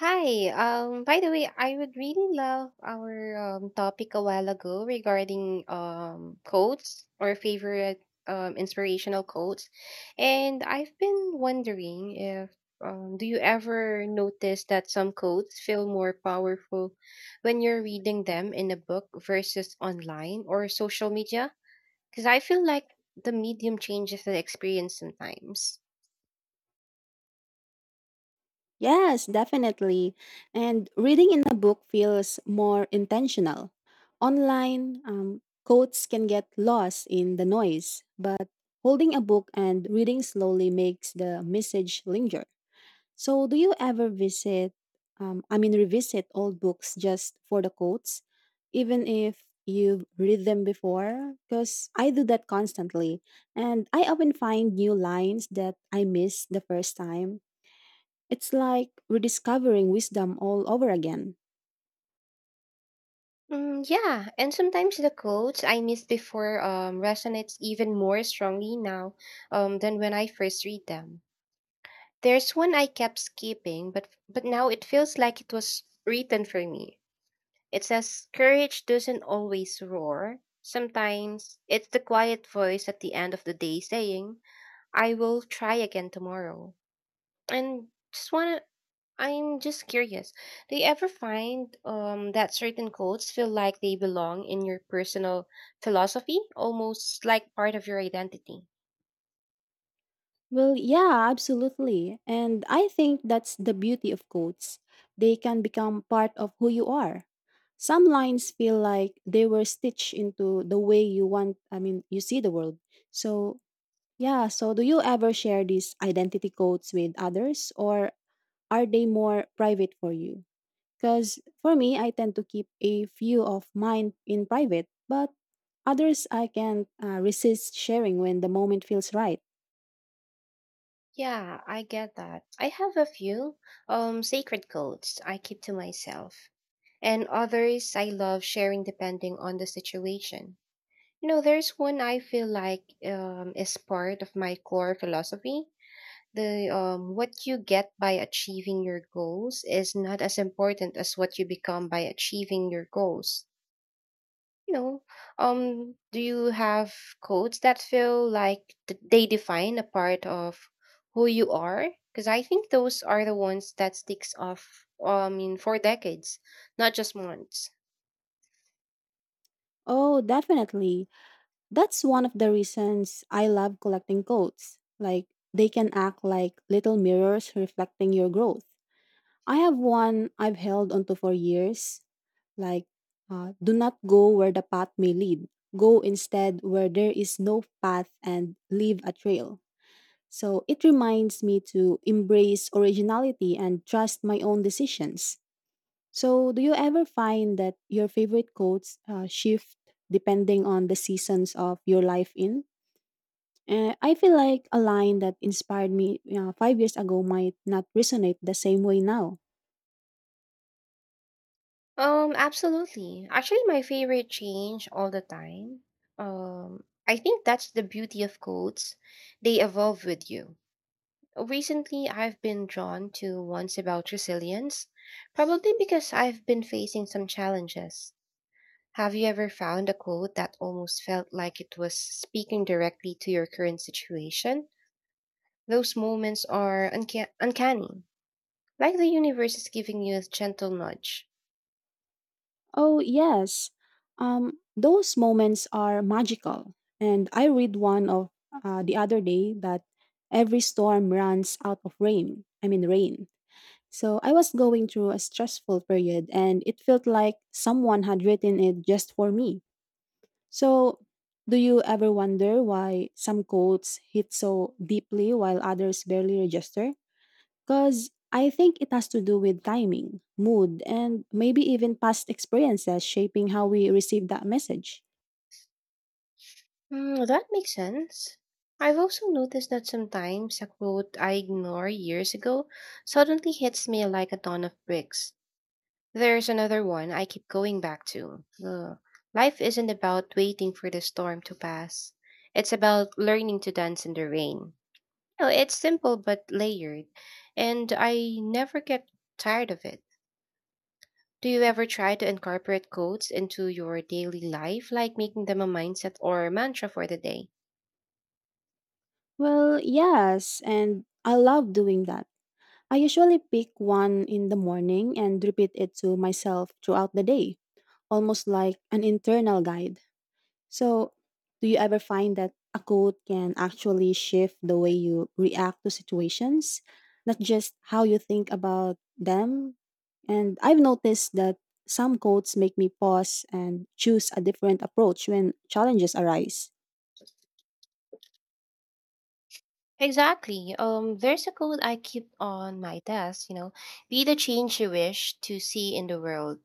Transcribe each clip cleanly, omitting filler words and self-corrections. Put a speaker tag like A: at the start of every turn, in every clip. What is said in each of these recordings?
A: Hi. By the way, I would really love our topic a while ago regarding quotes or favorite inspirational quotes. And I've been wondering if do you ever notice that some quotes feel more powerful when you're reading them in a book versus online or social media? Because I feel like the medium changes the experience sometimes.
B: Yes, definitely. And reading in a book feels more intentional. Online, quotes can get lost in the noise, but holding a book and reading slowly makes the message linger. So, do you ever revisit old books just for the quotes, even if you've read them before? Because I do that constantly, and I often find new lines that I missed the first time. It's like rediscovering wisdom all over again.
A: Mm, yeah, and sometimes the quotes I missed before resonates even more strongly now than when I first read them. There's one I kept skipping, but now it feels like it was written for me. It says, "Courage doesn't always roar. Sometimes it's the quiet voice at the end of the day saying, 'I will try again tomorrow.'" And just wanna I'm just curious. Do you ever find that certain quotes feel like they belong in your personal philosophy, almost like part of your identity?
B: Well, yeah, absolutely. And I think that's the beauty of quotes. They can become part of who you are. Some lines feel like they were stitched into the way you you see the world. So, yeah, so do you ever share these identity quotes with others or are they more private for you? Because for me, I tend to keep a few of mine in private, but others I can resist sharing when the moment feels right.
A: Yeah, I get that. I have a few sacred quotes I keep to myself, and others I love sharing depending on the situation. You know, there's one I feel like is part of my core philosophy, the what you get by achieving your goals is not as important as what you become by achieving your goals you know do you have codes that feel like they define a part of who you are, because I think those are the ones that sticks off. In for decades, not just months.
B: Oh, definitely. That's one of the reasons I love collecting goats. Like, they can act like little mirrors reflecting your growth. I have one I've held onto for years. Like, do not go where the path may lead. Go instead where there is no path and leave a trail. So it reminds me to embrace originality and trust my own decisions. So, do you ever find that your favorite quotes shift depending on the seasons of your life in? And I feel like a line that inspired me 5 years ago might not resonate the same way now.
A: Absolutely, actually my favorite change all the time. I think that's the beauty of codes, they evolve with you. Recently, I've been drawn to ones about resilience, probably because I've been facing some challenges. Have you ever found a quote that almost felt like it was speaking directly to your current situation? Those moments are uncanny, like the universe is giving you a gentle nudge.
B: Oh, yes. Those moments are magical. And I read one of the other day that every storm runs out of rain. So I was going through a stressful period and it felt like someone had written it just for me. So, do you ever wonder why some quotes hit so deeply while others barely register? Because I think it has to do with timing, mood, and maybe even past experiences shaping how we receive that message.
A: Hmm, that makes sense. I've also noticed that sometimes a quote I ignored years ago suddenly hits me like a ton of bricks. There's another one I keep going back to. The life isn't about waiting for the storm to pass. It's about learning to dance in the rain. You know, it's simple but layered, and I never get tired of it. Do you ever try to incorporate quotes into your daily life, like making them a mindset or a mantra for the day?
B: Well, yes, and I love doing that. I usually pick one in the morning and repeat it to myself throughout the day, almost like an internal guide. So, do you ever find that a quote can actually shift the way you react to situations, not just how you think about them? And I've noticed that some quotes make me pause and choose a different approach when challenges arise.
A: Exactly. There's a code I keep on my desk, you know, be the change you wish to see in the world.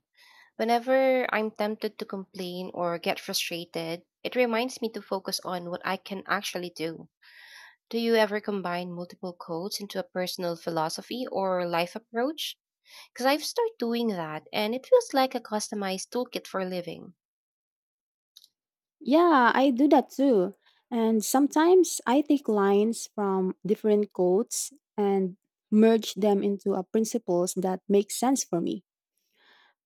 A: Whenever I'm tempted to complain or get frustrated, it reminds me to focus on what I can actually do. Do you ever combine multiple codes into a personal philosophy or life approach? Because I've started doing that and it feels like a customized toolkit for living.
B: Yeah, I do that too. And sometimes I take lines from different quotes and merge them into a principles that make sense for me.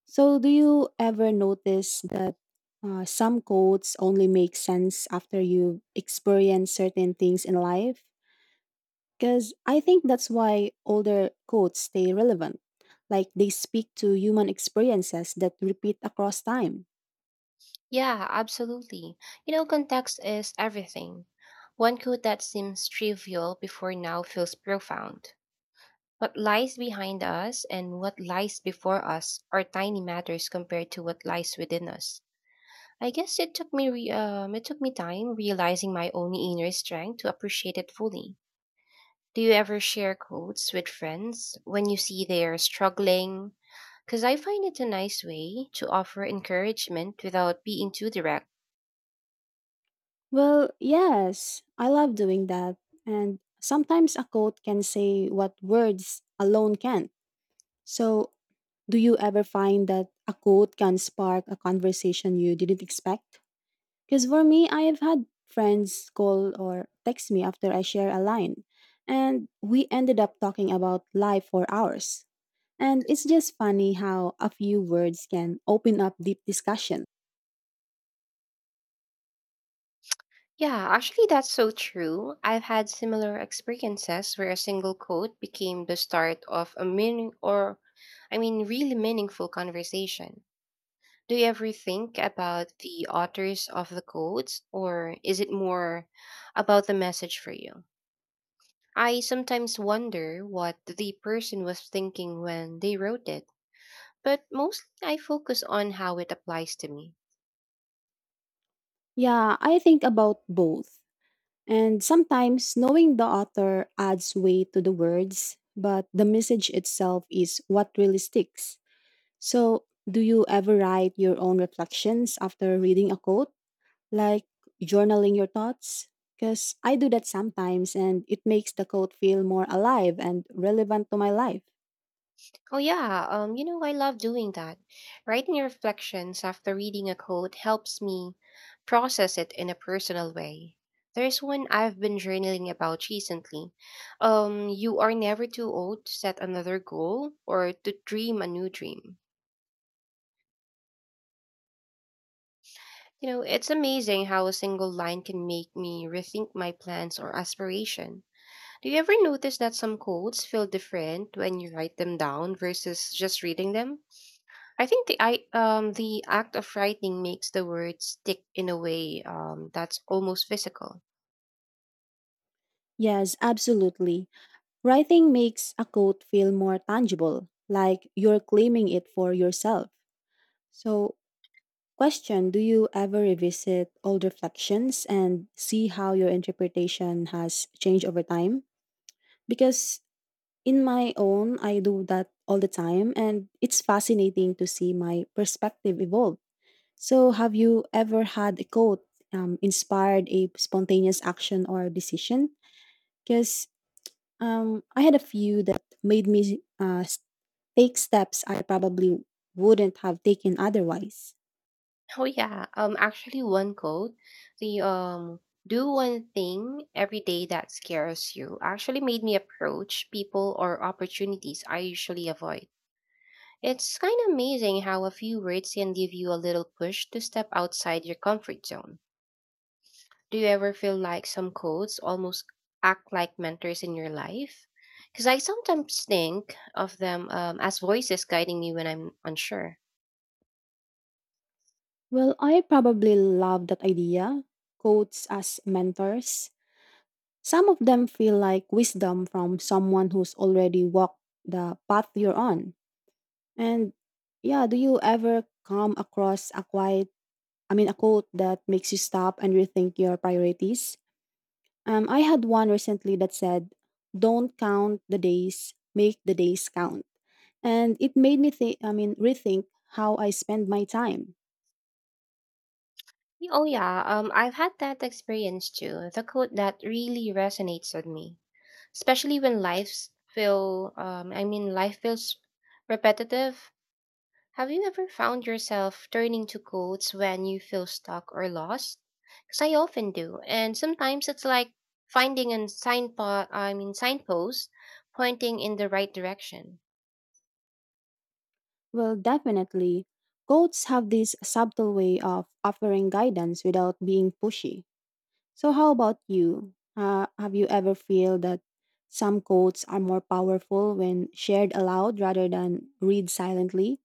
B: So, do you ever notice that some quotes only make sense after you experience certain things in life? Because I think that's why older quotes stay relevant. Like they speak to human experiences that repeat across time.
A: Yeah, absolutely. You know, context is everything. One quote that seems trivial before now feels profound. What lies behind us and what lies before us are tiny matters compared to what lies within us. I guess it took me it took me time realizing my own inner strength to appreciate it fully. Do you ever share quotes with friends when you see they're struggling? Because I find it a nice way to offer encouragement without being too direct.
B: Well, yes, I love doing that. And sometimes a quote can say what words alone can't. So, do you ever find that a quote can spark a conversation you didn't expect? Because for me, I have had friends call or text me after I share a line, and we ended up talking about life for hours. And it's just funny how a few words can open up deep discussion.
A: Yeah, actually, that's so true. I've had similar experiences where a single quote became the start of a meaning or, I mean, really meaningful conversation. Do you ever think about the authors of the quotes, or is it more about the message for you? I sometimes wonder what the person was thinking when they wrote it, but mostly I focus on how it applies to me.
B: Yeah, I think about both. And sometimes knowing the author adds weight to the words, but the message itself is what really sticks. So, do you ever write your own reflections after reading a quote? Like journaling your thoughts? Because I do that sometimes and it makes the quote feel more alive and relevant to my life.
A: Oh yeah, you know, I love doing that. Writing reflections after reading a quote helps me process it in a personal way. There's one I've been journaling about recently. You are never too old to set another goal or to dream a new dream. You know, it's amazing how a single line can make me rethink my plans or aspiration. Do you ever notice that some quotes feel different when you write them down versus just reading them? I think the act of writing makes the words stick in a way that's almost physical.
B: Yes, absolutely. Writing makes a quote feel more tangible, like you're claiming it for yourself. So, question Do you ever revisit old reflections and see how your interpretation has changed over time? Because in my own, I do that all the time, and it's fascinating to see my perspective evolve. So, have you ever had a quote inspired a spontaneous action or decision? Because I had a few that made me take steps I probably wouldn't have taken otherwise.
A: Oh yeah, actually one quote, the do one thing every day that scares you, actually made me approach people or opportunities I usually avoid. It's kind of amazing how a few words can give you a little push to step outside your comfort zone. Do you ever feel like some codes almost act like mentors in your life? Because I sometimes think of them as voices guiding me when I'm unsure.
B: Well, I probably love that idea. Quotes as mentors. Some of them feel like wisdom from someone who's already walked the path you're on. And yeah, do you ever come across a a quote that makes you stop and rethink your priorities. I had one recently that said, "Don't count the days, make the days count," and it made me rethink how I spend my time.
A: Oh yeah, I've had that experience too. The quote that really resonates with me, especially when lives feel, I mean, life feels repetitive. Have you ever found yourself turning to quotes when you feel stuck or lost? Because I often do, and sometimes it's like finding a signpost pointing in the right direction.
B: Well, definitely, quotes have this subtle way of offering guidance without being pushy. So, how about you? Have you ever feel that some quotes are more powerful when shared aloud rather than read silently?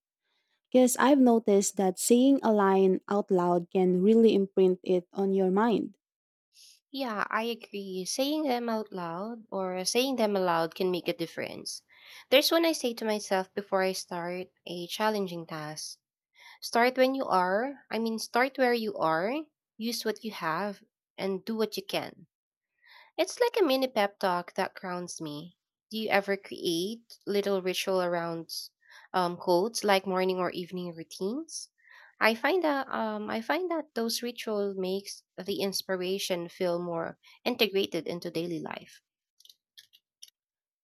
B: Because I've noticed that saying a line out loud can really imprint it on your mind.
A: Yeah, I agree. Saying them out loud or saying them aloud can make a difference. There's one I say to myself before I start a challenging task. Start where you are. Use what you have and do what you can. It's like a mini pep talk that grounds me. Do you ever create little ritual around quotes, like morning or evening routines? I find that those rituals makes the inspiration feel more integrated into daily life.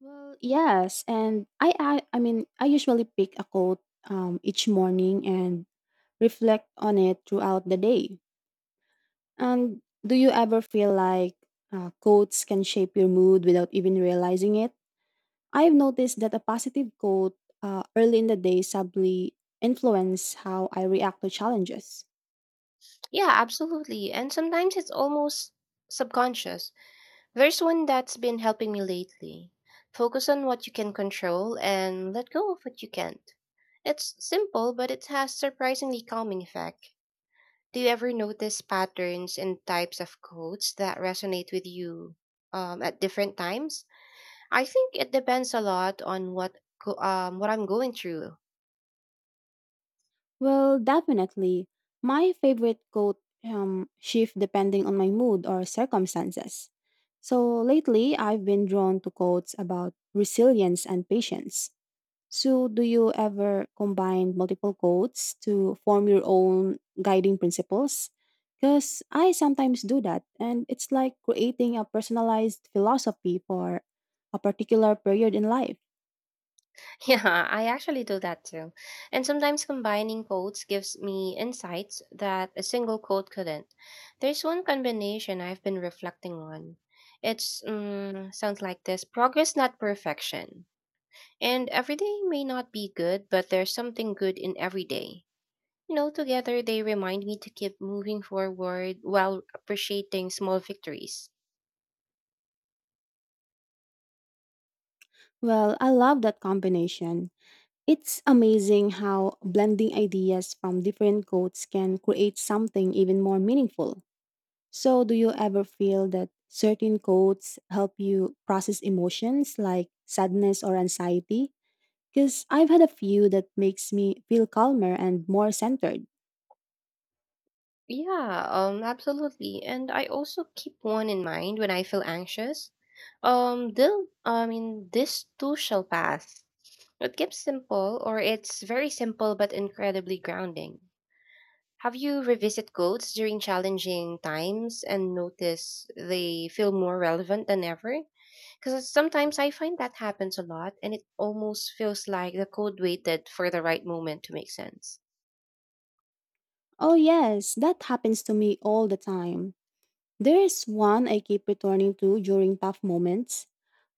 B: Well, yes, and I usually pick a quote each morning and reflect on it throughout the day. And do you ever feel like quotes can shape your mood without even realizing it? I've noticed that a positive quote early in the day subtly influence how I react to challenges.
A: Yeah, absolutely. And sometimes it's almost subconscious. There's one that's been helping me lately. Focus on what you can control and let go of what you can't. It's simple, but it has surprisingly calming effect. Do you ever notice patterns and types of quotes that resonate with you at different times? I think it depends a lot on what I'm going through.
B: Well, definitely. My favorite coat shift depending on my mood or circumstances. So lately, I've been drawn to quotes about resilience and patience. So, do you ever combine multiple quotes to form your own guiding principles? Because I sometimes do that, and it's like creating a personalized philosophy for a particular period in life.
A: Yeah, I actually do that too. And sometimes combining quotes gives me insights that a single quote couldn't. There's one combination I've been reflecting on. It's mm, sounds like this: progress, not perfection. And every day may not be good, but there's something good in every day. You know, together they remind me to keep moving forward while appreciating small victories.
B: Well, I love that combination. It's amazing how blending ideas from different codes can create something even more meaningful. So, do you ever feel that certain codes help you process emotions like sadness or anxiety? Because I've had a few that makes me feel calmer and more centered.
A: Yeah, absolutely. And I also keep one in mind when I feel anxious. This too shall pass. It keeps simple, or it's very simple but incredibly grounding. Have you revisit quotes during challenging times and notice they feel more relevant than ever? Because sometimes I find that happens a lot, and it almost feels like the code waited for the right moment to make sense.
B: Oh, yes, that happens to me all the time. There's one I keep returning to during tough moments.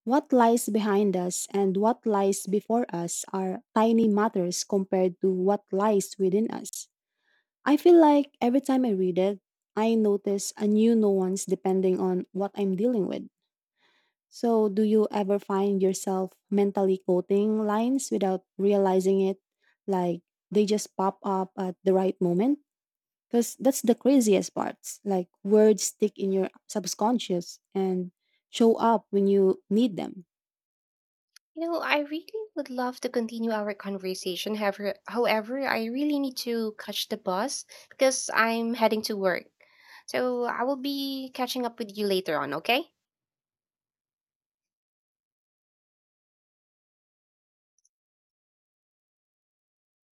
B: What lies behind us and what lies before us are tiny matters compared to what lies within us. I feel like every time I read it, I notice a new nuance depending on what I'm dealing with. So, do you ever find yourself mentally quoting lines without realizing it? Like they just pop up at the right moment? Because that's the craziest part. Like words stick in your subconscious and show up when you need them.
A: You know, I really would love to continue our conversation. However, I really need to catch the bus because I'm heading to work. So I will be catching up with you later on, okay?